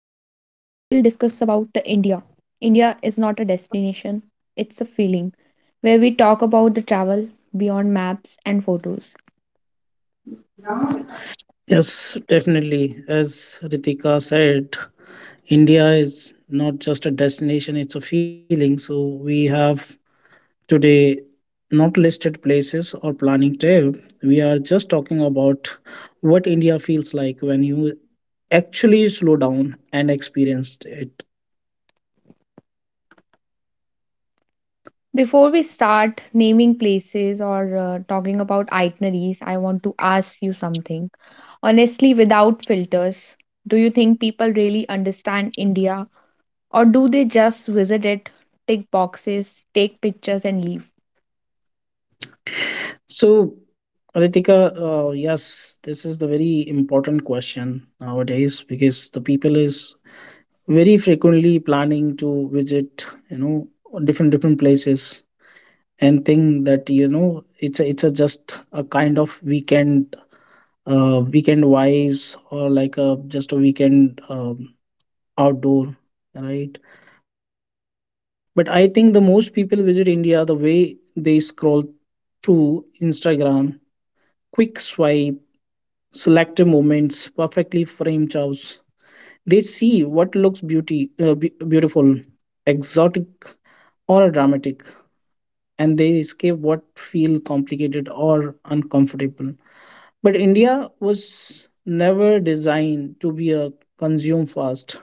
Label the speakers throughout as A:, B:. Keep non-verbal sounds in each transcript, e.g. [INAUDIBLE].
A: discuss about the India. India is not a destination, it's a feeling where we talk about the travel beyond maps and photos.
B: Yes, definitely. As Ritika said, India is not just a destination, it's a feeling. So we have today not listed places or planning trip. We are just talking about what India feels like when you actually slow down and experienced it.
A: Before we start naming places or talking about itineraries, I want to ask you something. Honestly, without filters, do you think people really understand India or do they just visit it, tick boxes, take pictures and leave?
B: So, Ritika, yes, this is the very important question nowadays because the people is very frequently planning to visit different different places and think that it's a just a kind of weekend weekend vibes or like a just a weekend outdoor, right? But I think the most people visit India the way they scroll through Instagram, quick swipe, selective moments, perfectly framed chows. They see what looks beauty, beautiful, exotic, or dramatic, and they escape what feel complicated or uncomfortable. But India was never designed to be a consume fast.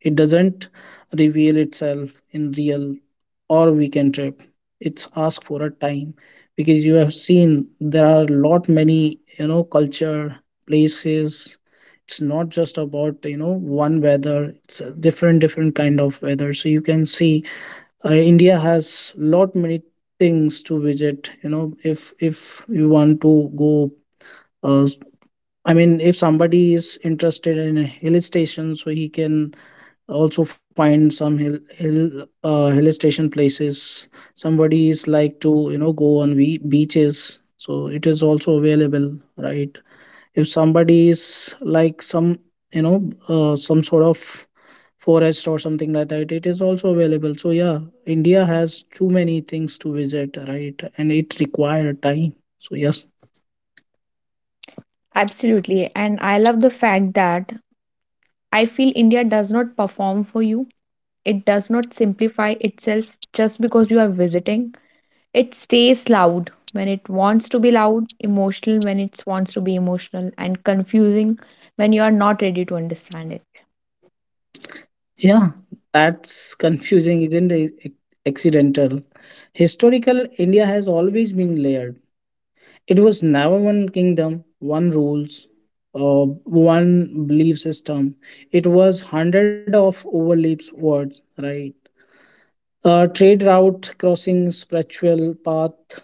B: It doesn't reveal itself in real or weekend trip. It's ask for a time because you have seen there are lot many culture places. It's not just about one weather. It's a different different kind of weather. So you can see India has lot many things to visit. If you want to go, uh, I mean, if somebody is interested in a hill station, so he can also find some hill station places. Somebody is like to go on we beaches, so it is also available, right? If somebody is like some some sort of forest or something like that, it is also available. So yeah, India has too many things to visit, right? And it require time. So yes.
A: Absolutely. And I love the fact that I feel India does not perform for you. It does not simplify itself just because you are visiting. It stays loud when it wants to be loud, emotional when it wants to be emotional, and confusing when you are not ready to understand it.
B: Yeah, that's confusing, isn't it? Accidental. Historical India has always been layered. It was never one kingdom, one rules, uh, one belief system. It was hundred of overlaps words, right? Trade route crossing, spiritual path,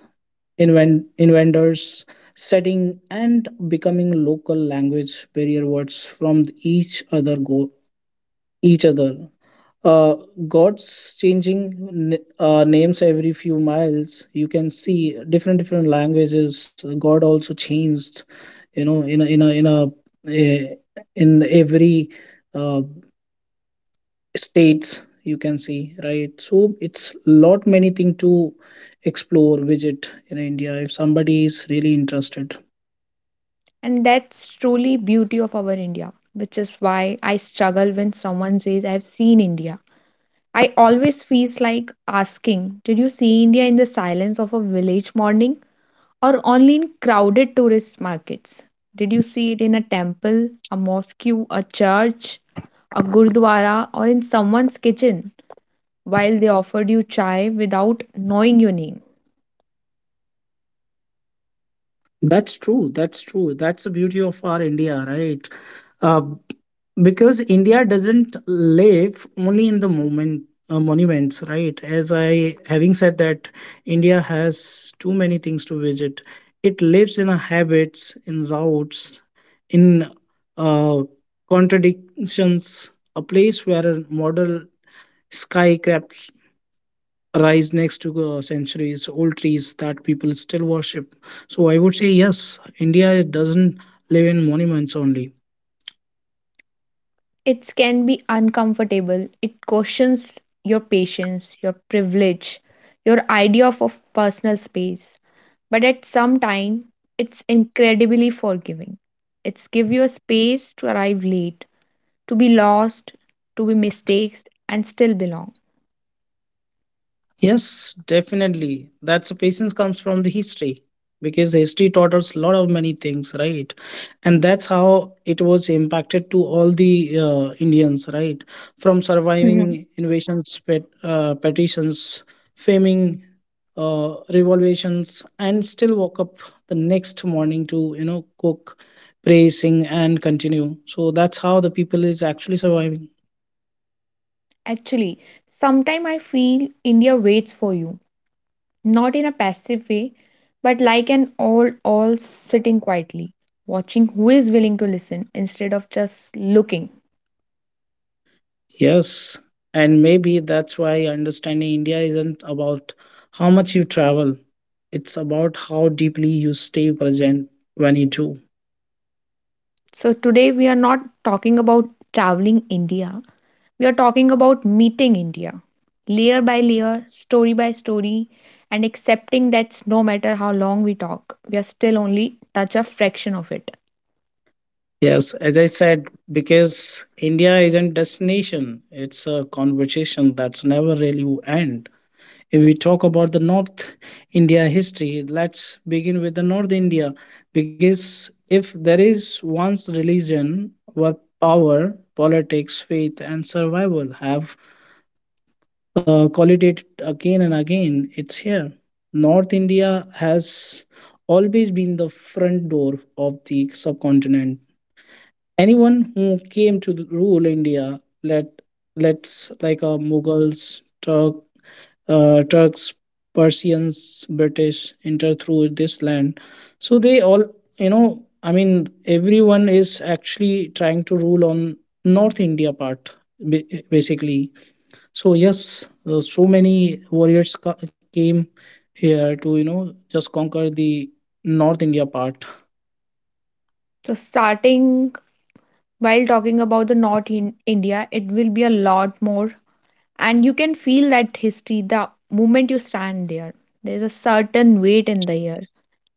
B: inventors, setting and becoming local language barrier words from each other go each other, uh, gods changing names every few miles. You can see different different languages god also changed, you know in a in a in a eh, in every uh, states, you can see, right? So it's lot many thing to explore visit in India if somebody is really interested.
A: And that's truly beauty of our India, which is why I struggle when someone says I've seen India. I always feels like asking, did you see India in the silence of a village morning, or only in crowded tourist markets? Did you see it in a temple, a mosque, a church, a gurdwara, or in someone's kitchen while they offered you chai without knowing your name?
B: That's true. That's true. That's the beauty of our India, right? Uh, because India doesn't live only in the moment monuments, right? As I having said that, India has too many things to visit. It lives in our habits, in routes, in uh, contradictions. A place where a model skyscraper rise next to centuries old trees that people still worship. So I would say yes, India doesn't live in monuments only.
A: It can be uncomfortable. It questions your patience, your privilege, your idea of personal space. But at some time, it's incredibly forgiving. It's give you a space to arrive late, to be lost, to be mistakes, and still belong.
B: Yes, definitely. That's patience comes from the history because history taught us a lot of many things, right? And that's how it was impacted to all the Indians, right? From
A: Mhm.
B: surviving invasions, petitions, faming, revolutions, and still woke up the next morning to cook, pray, sing, and continue. So that's how the people is actually surviving.
A: Actually, sometime I feel India waits for you, not in a passive way, but like an all sitting quietly, watching who is willing to listen instead of just looking.
B: Yes, and maybe that's why understanding India isn't about how much you travel, it's about how deeply you stay present when you do.
A: So today we are not talking about traveling India. We are talking about meeting India, layer by layer, story by story, and accepting that no matter how long we talk, we are still only touch a fraction of it.
B: Yes, as I said, because India isn't destination, it's a conversation that's never really will end. If we talk about the North India history, let's begin with the North India because if there is one's religion where power, politics, faith, and survival have call it again and again, it's here. North India has always been the front door of the subcontinent. Anyone who came to rule India, let let's like Mughals, Turk, Turks, Persians, British enter through this land. So they all, you know, I mean, everyone is actually trying to rule on North India part, ba- basically. So yes, so many warriors came here to just conquer the North India part.
A: So starting while talking about the north in india, it will be a lot more, and you can feel that history the moment you stand there. There's a certain weight in the air,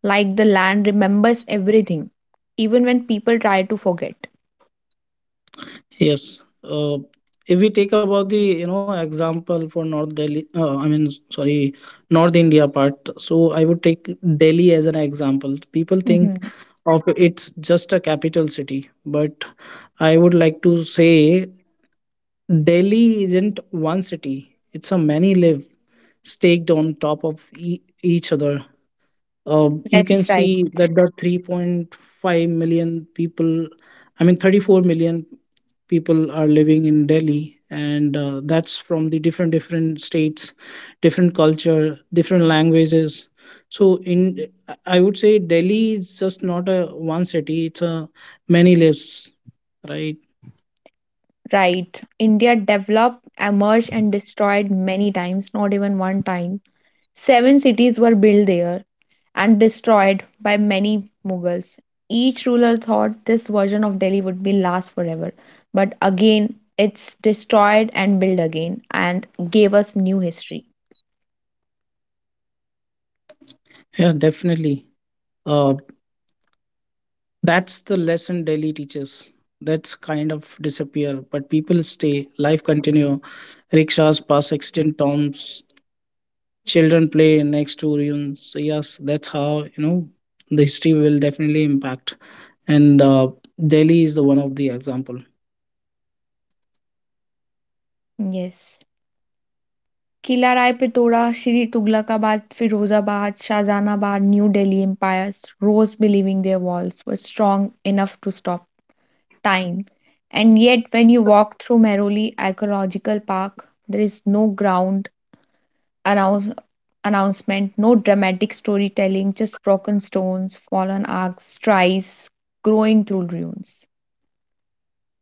A: like the land remembers everything even when people try to forget.
B: Yes, if we take about the example for North Delhi, I mean, sorry, North India part. So I would take Delhi as an example. People think
A: Hmm.
B: of it's just a capital city, but I would like to say Delhi isn't one city. It's a many live staked on top of each other. You can
A: That's right.
B: see that the 3.5 million people, I mean 34 million people are living in Delhi, and that's from the different different states, different culture, different languages. So in I would say Delhi is just not a one city, it's a many lives, right?
A: Right. India developed, emerged and destroyed many times, not even one time. Seven cities were built there and destroyed by many Mughals. Each ruler thought this version of Delhi would be last forever, but again it's destroyed and built again and gave us new history.
B: Yeah, definitely. uh, that's the lesson Delhi teaches. That's kind of disappear, but people stay, life continue. Rickshaws pass extinct tombs, children play next to ruins. So yes, that's how, you know the history will definitely impact, and Delhi is the one of the example.
A: Yes. Qila Rai Pithora Siri Tughlakabad Firozabad Shahjahanabad New Delhi empires rose believing their walls were strong enough to stop time. And yet when you walk through Mehrauli archaeological park, there is no ground announce- announcement, no dramatic storytelling, just broken stones, fallen arcs, tries growing through ruins.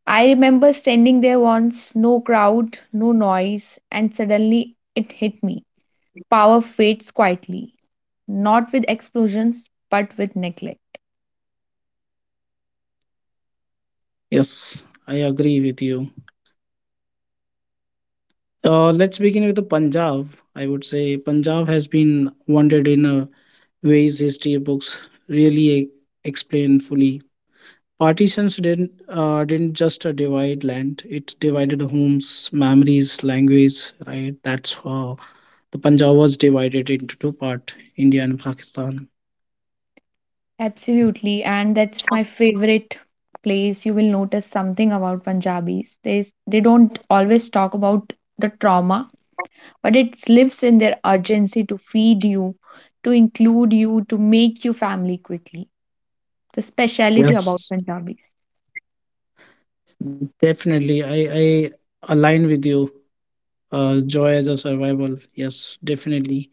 A: I remember standing there once, no crowd, no noise, and suddenly it hit me. Power fades quietly, not with explosions, but with neglect.
B: Yes, I agree with you. Let's begin with the Punjab. I would say Punjab has been wanted in a ways history books really explain fully. Partitions didn't just divide land; it divided homes, memories, language. Right? That's how the Punjab was divided into two-part: India and Pakistan.
A: Absolutely, and that's my favorite place. You will notice something about Punjabis. They don't always talk about the trauma, but it lives in their urgency to feed you, to include you, to make you family quickly. The speciality about
B: Yes,
A: Punjabis.
B: definitely. I align with you. Joy as a survival. Yes, definitely.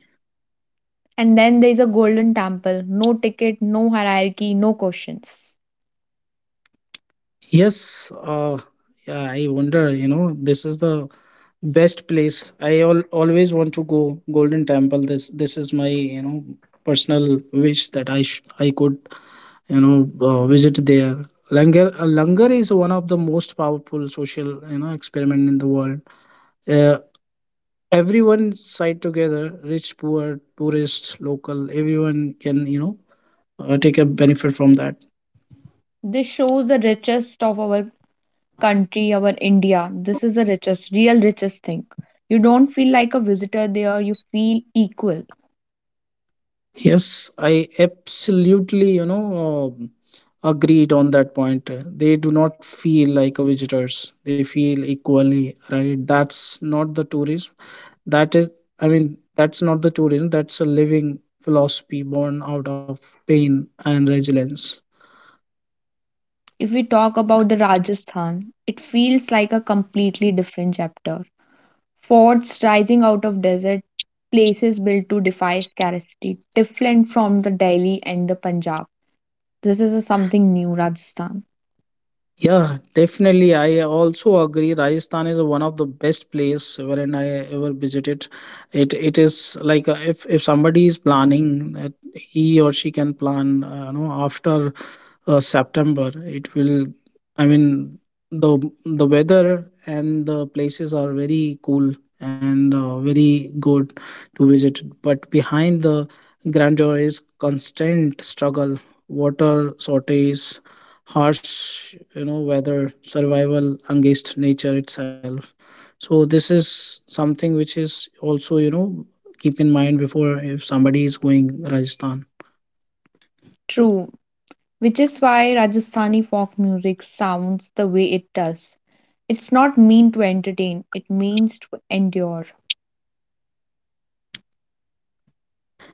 A: And then there is a golden temple, no ticket, no hierarchy, no questions.
B: Yes. Yeah, I wonder. This is the best place. I always want to go Golden Temple. This is my personal wish that I could, you know visit there. Langar is one of the most powerful social experiment in the world. uh, Everyone side together, rich poor, tourist, local, everyone can take a benefit from that.
A: This shows the richest of our country, our India. This is the richest, real richest thing. You don't feel like a visitor there, you feel equal.
B: Yes, I absolutely um agreed on that point. They do not feel like a visitors, they feel equally, right? That's not the tourism. That is, I mean, that's not the tourism, that's a living philosophy born out of pain and resilience.
A: If we talk about the Rajasthan, it feels like a completely different chapter. Forts rising out of desert, places built to defy scarcity, different from the Delhi and the Punjab. This is a something new, Rajasthan.
B: Yeah, definitely. I also agree. Rajasthan is one of the best place wherein I ever visited. It is like, if somebody is planning that he or she can plan, after September, it will. I mean, the the weather and the places are very cool and very good to visit. But behind the grandeur is constant struggle, water shortage, harsh weather, survival against nature itself. So this is something which is also, keep in mind before if somebody is going Rajasthan.
A: True, which is why Rajasthani folk music sounds the way it does. It's not meant to entertain, it means to endure.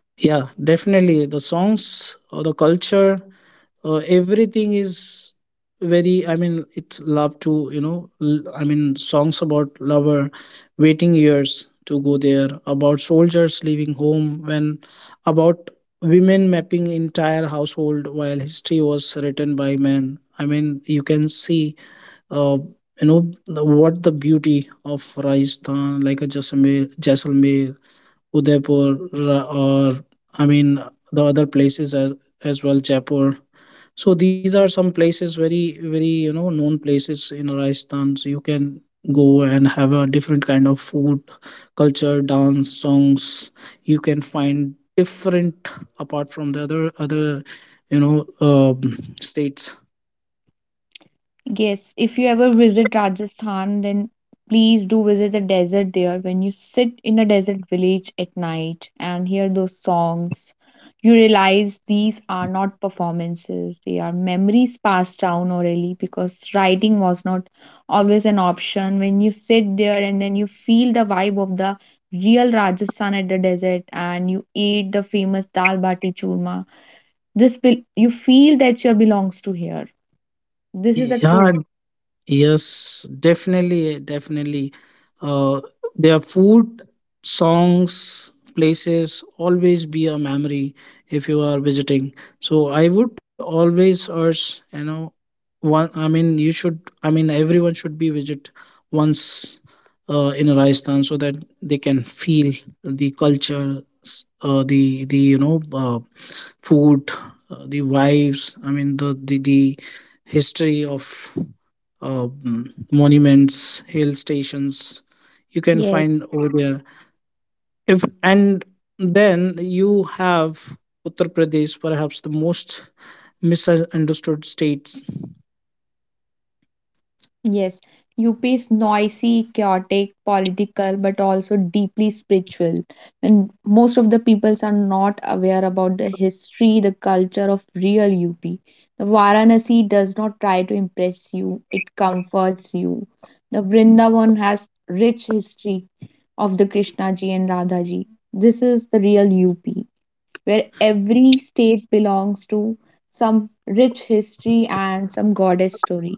B: Yeah, definitely. The songs or the culture, everything is very, I mean it's love to, I mean, songs about lover waiting years to go there, about soldiers leaving home when, about women mapping entire household while history was written by men. I mean, you can see, uh, you know what the beauty of Rajasthan, like a Jaisalmer, jaisalmer Udaipur, or I mean the other places as well, Jaipur. So these are some places very very known places in Rajasthan. So you can go and have a different kind of food, culture, dance, songs. You can find different apart from the other states.
A: Yes, if you ever visit Rajasthan, then please do visit the desert there. When you sit in a desert village at night and hear those songs, you realize these are not performances, they are memories passed down orally because writing was not always an option. When you sit there and then you feel the vibe of the real Rajasthan at the desert and you eat the famous dal bati churma, this will you feel that you belongs to here. This is a
B: Yeah.
A: true.
B: Yes, definitely, definitely. Uh, their food, songs, places always be a memory if you are visiting. So I would always urge, one. I mean, you should. I mean, everyone should be visit once in Rajasthan so that they can feel the culture, the food, the wives, I mean the history of monuments, hill stations. You can
A: Yes.
B: find over there. If And then you have Uttar Pradesh, perhaps the most misunderstood states.
A: Yes, UP is noisy, chaotic, political, but also deeply spiritual. And most of the peoples are not aware about the history, the culture of real UP. The Varanasi does not try to impress you, it comforts you. The Vrindavan has rich history of the Krishna ji and Radha ji. This is the real UP, where every state belongs to some rich history and some goddess story.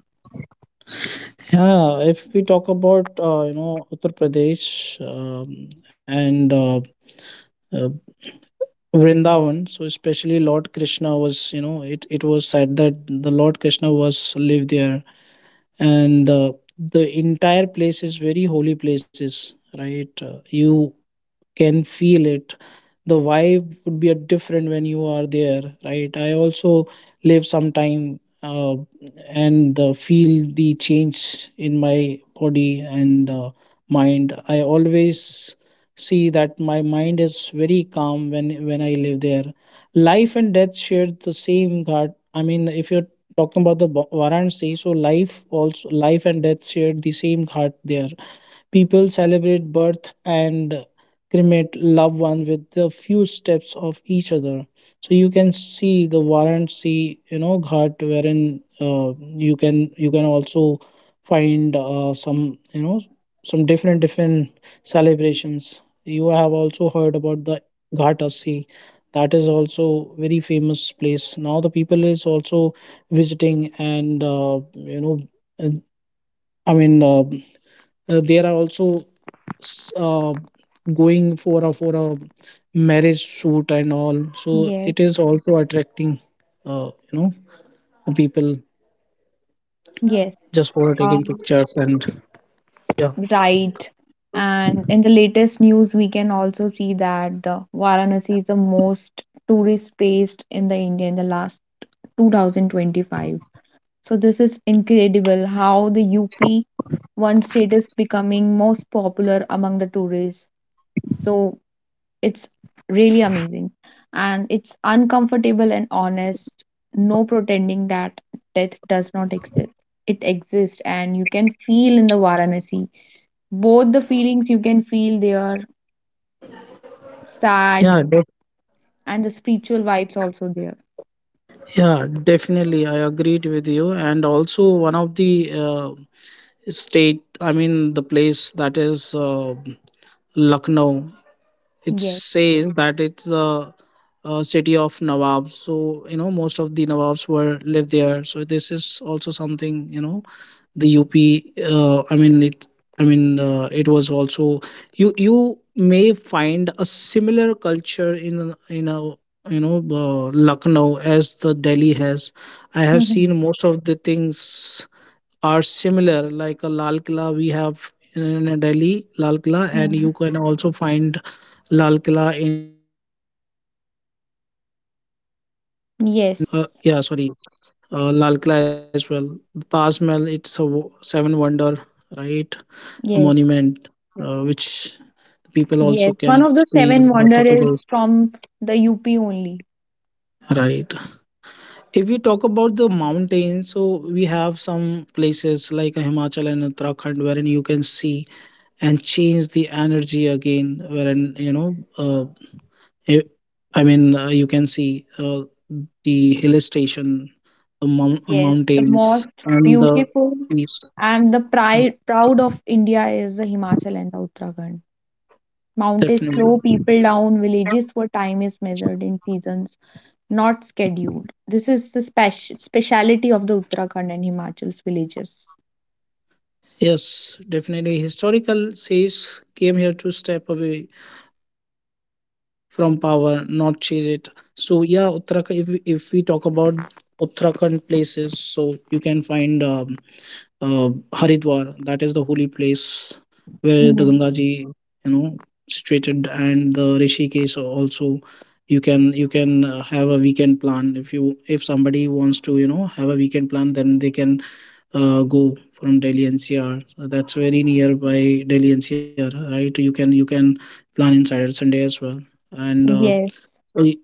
B: Yeah, if we talk about, Uttar Pradesh, and uh, Vrindavan, so especially Lord Krishna was, it was said that the Lord Krishna was lived there, and the entire place is very holy places, right? You can feel it, the vibe would be a different when you are there, right? I also live some time, and feel the change in my body and mind. I always see that my mind is very calm when I live there. Life and death share the same god. I mean, if you're talking about the Varanasi, so life also, life and death share the same ghat there. People celebrate birth and cremate loved one with a few steps of each other. So you can see the Varanasi, Ghat, wherein you can also find some different different celebrations. You have also heard about the Ghatasi. That is also very famous place. Now the people is also visiting and uh, I mean. There are also s- uh, going for a marriage shoot and all, so
A: Yes.
B: it is also attracting uh, you know people
A: Yes.
B: just for
A: Uh,
B: taking pictures and yeah
A: right. And in the latest news, we can also see that the Varanasi is the most tourist placed in the India in the last 2025. So this is incredible how the UP one state is becoming most popular among the tourists. So it's really amazing. And it's uncomfortable and honest, no pretending that death does not exist. It exists and you can feel in the Varanasi both the feelings you can feel there, sad,
B: yeah def-
A: and the spiritual vibes also there.
B: yeah, definitely. I agreed with you. And also one of the uh, state, I mean the place, that is Lucknow. It
A: Yes.
B: says that a city of nawabs, so you know most of the nawabs were lived there, so this is also something, you know, the UP, uh, i mean it it was also, you may find a similar culture in a, you know, Lucknow as the Delhi has. I have
A: Mhm.
B: seen most of the things are similar, like a Lal Killa we have in Delhi Lal Killa, and
A: Mhm.
B: you can also find Lal Killa in Agra as well, right? Some sometime,
A: Yes.
B: uh, yeah, sorry, Lal Killa as well. Taj Mahal, it's a seven wonder, right? A
A: Yes.
B: monument, which people also
A: Yes,
B: can
A: one of the
B: see in
A: seven
B: Uttar
A: wonder is
B: Pradesh,
A: from the UP only.
B: right? If we talk about the mountains, so we have some places like Himachal and Uttarakhand, wherein you can see and change the energy again, wherein you know. It, you can see the hill station, the
A: Yes, the
B: mountains,
A: most
B: and the
A: beautiful
B: peace.
A: and the pride proud of india is the himachal and the uttarakhand. Mountains slow
B: Definitely.
A: people down, villages where time is measured in seasons, not scheduled. This is the speciality of the Uttarakhand and Himachal's villages.
B: Yes, definitely. Historical says came here to step away from power, not chase it. So yeah, Uttarakhand. If we talk about Uttarakhand places, so you can find. Haridwar. That is the holy place where the Gangaji, you know, situated, and the Rishikesh also. You can have a weekend plan. If you, if somebody wants to, you know, have a weekend plan, then they can go from Delhi NCR. So that's very nearby Delhi NCR, right? You can plan in Saturday Sunday as well. And
A: Yes,
B: y-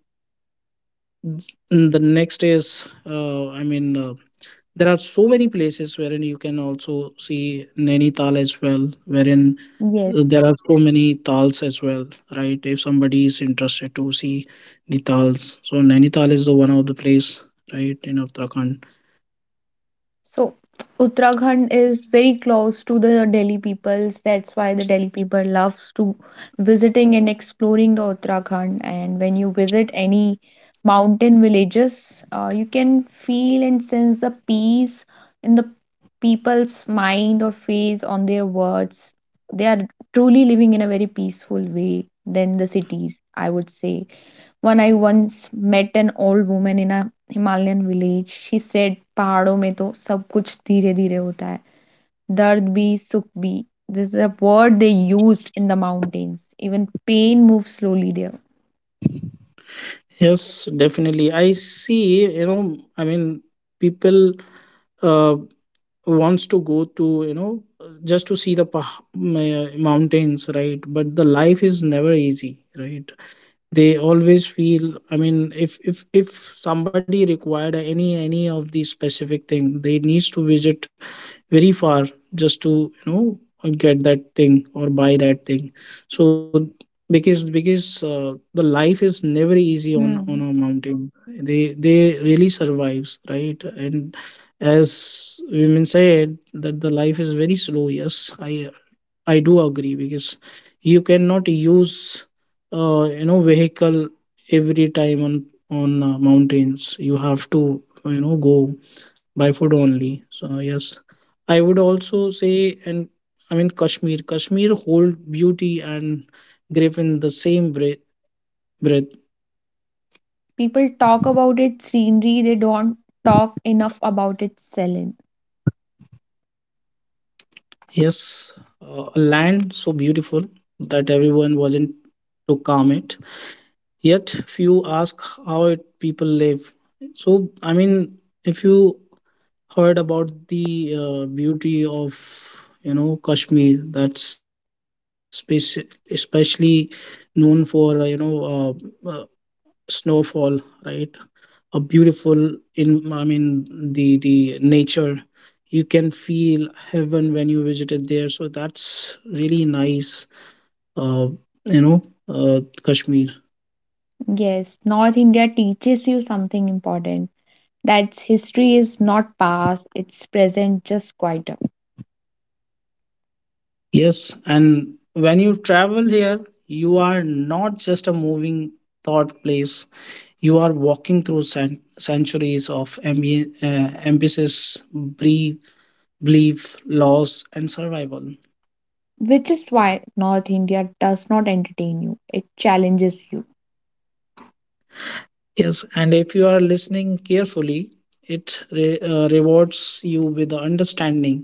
B: the next is there are so many places wherein you can also see Nainital as well, wherein
A: yes.
B: there are so many tals as well, right? If somebody is interested to see the tals, so Nainital is the one of the place, right, in Uttarakhand.
A: So [TSK] Uttarakhand is very close to the Delhi peoples. That's why the Delhi people loves to visiting and exploring the Uttarakhand. And when you visit any mountain villages, you can feel and sense the peace in the people's mind or face on their words. They are truly living in a very peaceful way than the cities, I would say. One I once met an old woman in a Himalayan village. She said, पहाड़ों में तो सब कुछ धीरे धीरे होता है दर्द भी सुख भी this is a word they used in the mountains even pain move slowly there.
B: Yes, definitely. I see. You know, I mean, people uh, wants to go to, you know, just to see the mountains, right? But the life is never easy, right? They always feel, I mean, if somebody required any of these specific thing, they needs to visit very far just to, you know, get that thing or buy that thing. So because the life is never easy on a
A: Hmm.
B: mountain. They really survives, right? And as women said that the life is very slow, yes, I do agree, because you cannot use vehicle every time on mountains. You have to, you know, go by foot only. So yes, I would also say. And I mean Kashmir. Kashmir hold beauty and grief in the same breath.
A: People talk about its scenery, they don't talk enough about its selling.
B: Yes, a land so beautiful that everyone wasn't to calm it, yet few ask how it, people live. So I mean, if you heard about the beauty of, you know, Kashmir, that's especially known for uh, snowfall, right? A beautiful, in, I mean, the nature, you can feel heaven when you visited there, so that's really nice. uh, you know Kashmir.
A: Yes, north india teaches you something important, that's history is not past, it's present just quieter.
B: Yes, and when you travel here, you are not just a moving thought place. You are walking through centuries of ambitious brief, belief, loss, and survival.
A: Which is why North India does not entertain you, it challenges you.
B: Yes, and if you are listening carefully, it rewards you with the understanding.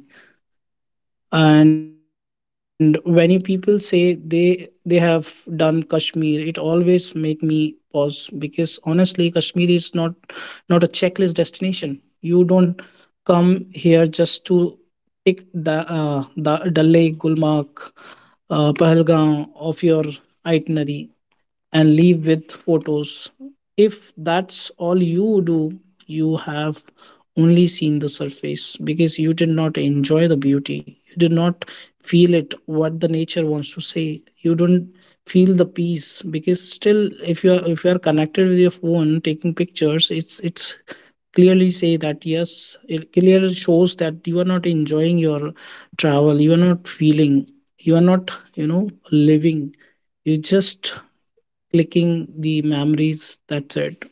B: And when you people say they have done Kashmir, it always make me pause, because honestly Kashmir is not a checklist destination. You don't come here just to tick the Dal Lake, Gulmarg, Pahalgam of your itinerary and leave with photos. If that's all you do, you have only seen the surface, because you did not enjoy the beauty. You did not feel it, what the nature wants to say. You don't feel the peace, because still if you are, if you are connected with your phone taking pictures, it's clearly say that, yes, it clearly shows that you are not enjoying your travel, you are not feeling, you are not, you know, living, you just clicking the memories, that's it.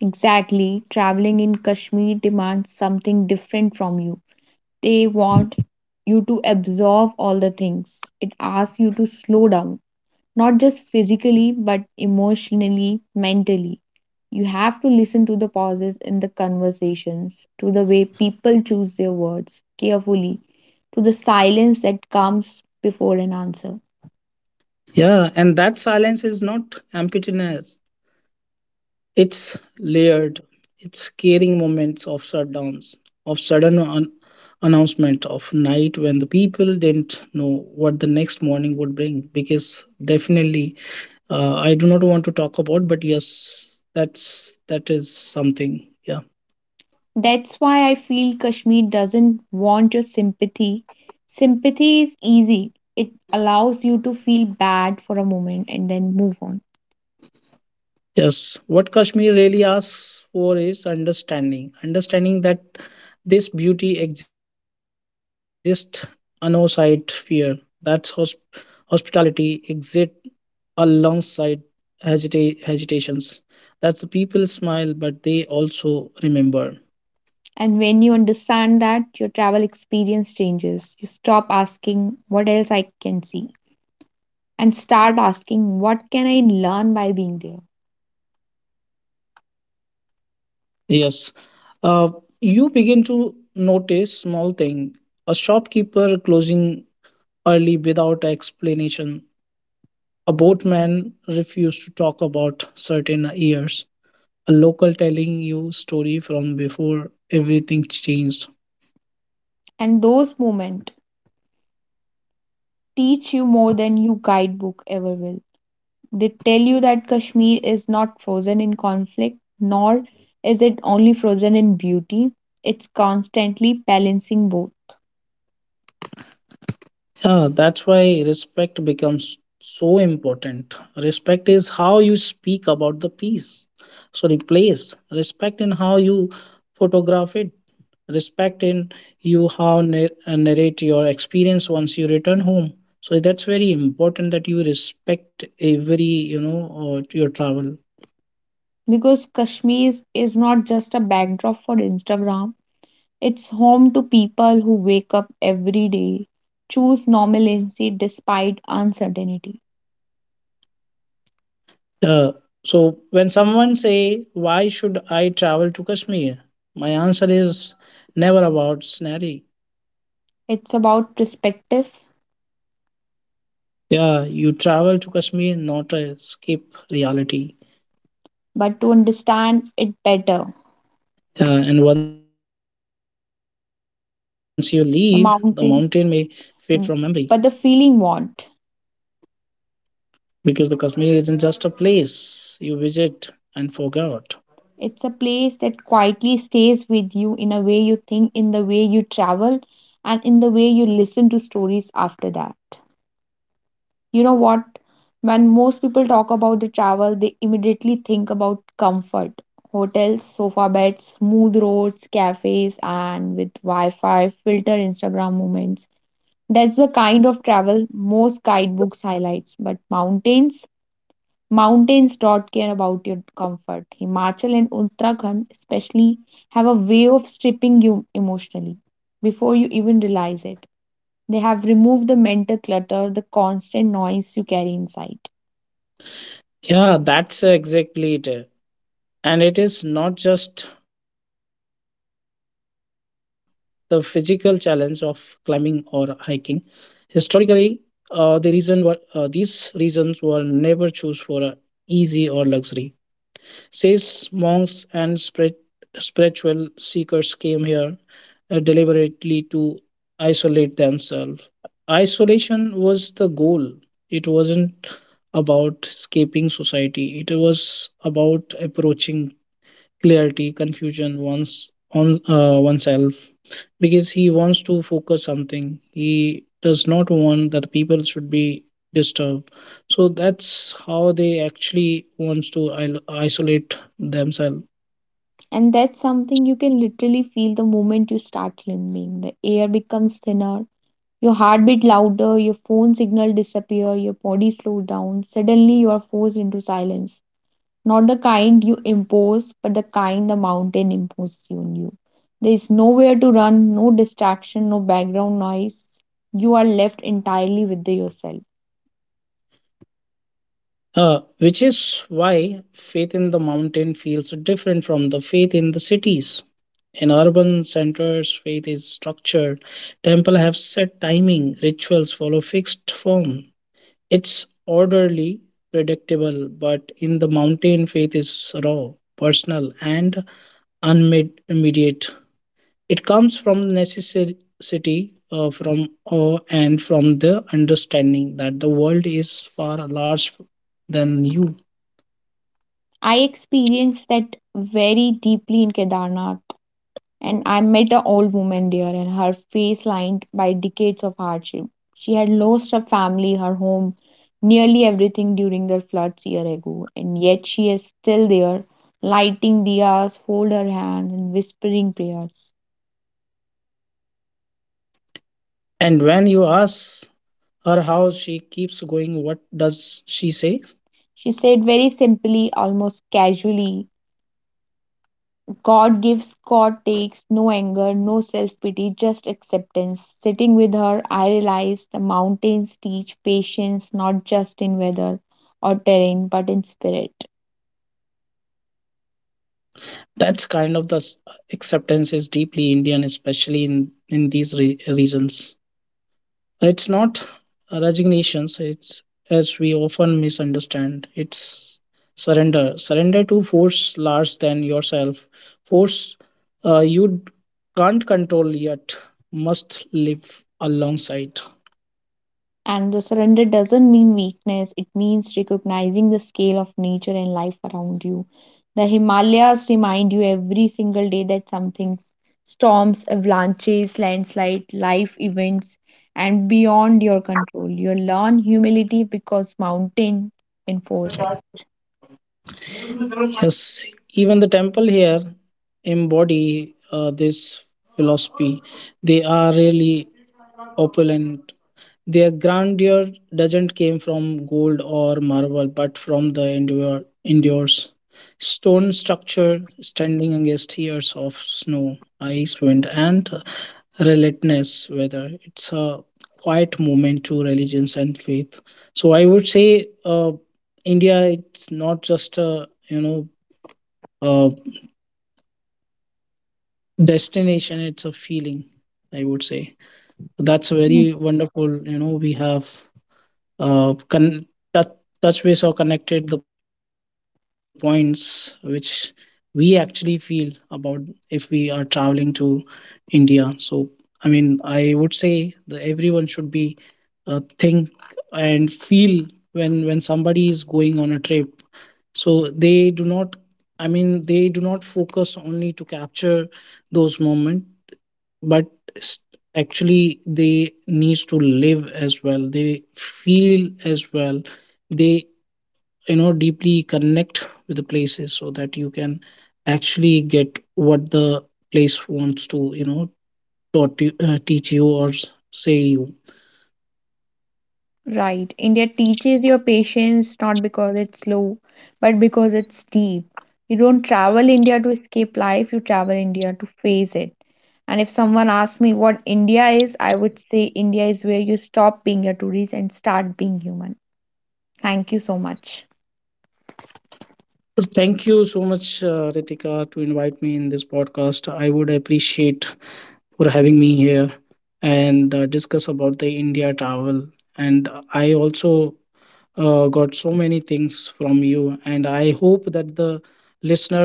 A: Exactly, traveling in Kashmir demands something different from you. They want you to absorb all the things. It asks you to slow down, not just physically, but emotionally, mentally. You have to listen to the pauses in the conversations, to the way people choose their words carefully, to the silence that comes before an answer.
B: Yeah, and that silence is not emptiness. It's layered. It's scaring moments of shutdowns, of sudden announcement, of night when the people didn't know what the next morning would bring. Because definitely, I do not want to talk about, but yes, that's that is something. Yeah.
A: That's why I feel Kashmir doesn't want your sympathy. Sympathy is easy, it allows you to feel bad for a moment and then move on.
B: Yes, what Kashmir really asks for is understanding. Understanding that this beauty exists alongside fear. That's hospitality exists alongside hesitations. That the people smile, but they also remember.
A: And when you understand that, your travel experience changes. You stop asking, what else I can see? And start asking, what can I learn by being there?
B: Yes, uh, you begin to notice small thing. A shopkeeper closing early without explanation. A boatman refused to talk about certain years. A local telling you story from before everything changed.
A: And those moments teach you more than your guidebook ever will. They tell you that Kashmir is not frozen in conflict, nor is it only frozen in beauty. It's constantly balancing both.
B: Yeah, that's why respect becomes so important. Respect is how you speak about the piece. Sorry, place. Respect in how you photograph it. Respect in you how narrate your experience once you return home. So that's very important that you respect every, you know, your travel.
A: Because Kashmir is not just a backdrop for Instagram, it's home to people who wake up every day, choose normalcy despite uncertainty.
B: Uh, so when someone say, why should I travel to Kashmir, my answer is never about scenery.
A: It's about perspective,
B: Yeah, you travel to Kashmir not to escape reality.
A: but to understand it better,
B: And once you leave, the mountain may fade from
A: the
B: memory,
A: mountain, mm, but the feeling won't.
B: because the Kashmir isn't just a place you visit and forgot.
A: It's a place that quietly stays with you in a way you think, in the way you travel, and in the way you listen to stories after that. You know what? When most people talk about the travel, they immediately think about comfort hotels, sofa beds, smooth roads, cafes, and with Wi Fi, filter Instagram moments. That's the kind of travel most guidebooks highlights. But mountains, mountains don't care about your comfort. Himachal and Uttarakhand, especially, have a way of stripping you emotionally before you even realize it. They have removed the mental clutter, the constant noise you carry inside.
B: Yeah, that's exactly it. And it is not just the physical challenge of climbing or hiking. Historically, these reasons were never choose for a easy or luxury. Says monks and spiritual seekers came here deliberately to isolate themselves. Isolation was the goal. It wasn't about escaping society. It was about approaching clarity confusion once on oneself, because he wants to focus something. He does not want that people should be disturbed. So that's how they actually wants to isolate themselves.
A: And that's something you can literally feel the moment you start climbing. The air becomes thinner, your heartbeat louder, your phone signal disappear, your body slows down. Suddenly you are forced into silence. Not the kind you impose, but the kind the mountain imposes on you. There is nowhere to run, no distraction, no background noise. You are left entirely with yourself.
B: uh, which is why faith in the mountain feels different from the faith in the cities. In urban centers, faith is structured. Temple have set timing, rituals follow fixed form. It's orderly, predictable, but in the mountain, faith is raw, personal, and unmediated. It comes from necessity, from awe, and from the understanding that the world is far larger than you.
A: I experienced that very deeply in Kedarnath, and I met an old woman there, and her face lined by decades of hardship. She had lost her family, her home, nearly everything during the floods year ago, and yet she is still there, lighting diyas, fold her hands, and whispering prayers.
B: And when you ask her how she keeps going, what does she say?
A: She said very simply, almost casually, God gives, God takes, no anger, no self pity, just acceptance. Sitting with her, I realized the mountains teach patience not just in weather or terrain but in spirit.
B: That's kind of the acceptance is deeply Indian, especially in these regions. It's not resignations, it's as we often misunderstand. It's surrender. Surrender to force larger than yourself. Force, you can't control, yet must live alongside.
A: And the surrender doesn't mean weakness, it means recognizing the scale of nature and life around you. The Himalayas remind you every single day that something, storms, avalanches, landslide, life events, and beyond your control. You learn humility because mountains enforce it.
B: Yes, even the temple here embody this philosophy. They are really opulent. Their grandeur doesn't came from gold or marble, but from the endures stone structure standing against years of snow, ice, wind, and relentless weather. It's a quiet moment to religions and faith. So I would say India. It's not just a, you know, a destination. It's a feeling. I would say
A: Mm.
B: that's a very wonderful. You know, we have uh, con- touch, touch base or connected the points which we actually feel about if we are traveling to India. So, I mean, I would say that everyone should be think and feel when somebody is going on a trip. So they do not. I mean, they do not focus only to capture those moments, but s- actually they needs to live as well, they feel as well, they, you know, deeply connect with the places, so that you can actually get what the place wants to, you know, taught you, teach you or say you.
A: Right. India teaches your patience not because it's slow, but because it's deep. You don't travel India to escape life, you travel India to face it. And if someone asks me what India is, I would say India is where you stop being a tourist and start being human. Thank you so much.
B: Well, thank you so much, Ritika, to invite me in this podcast. I would appreciate for having me here and discuss about the India travel. And I also got so many things from you, and I hope that the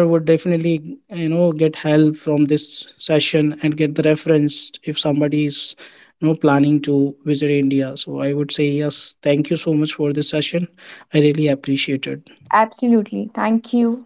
B: listener would definitely, you know, get help from this session and get the reference if somebody is, you know, planning to visit India. So I would say yes, thank you so much for this session. I really appreciate it.
A: Absolutely. Thank you.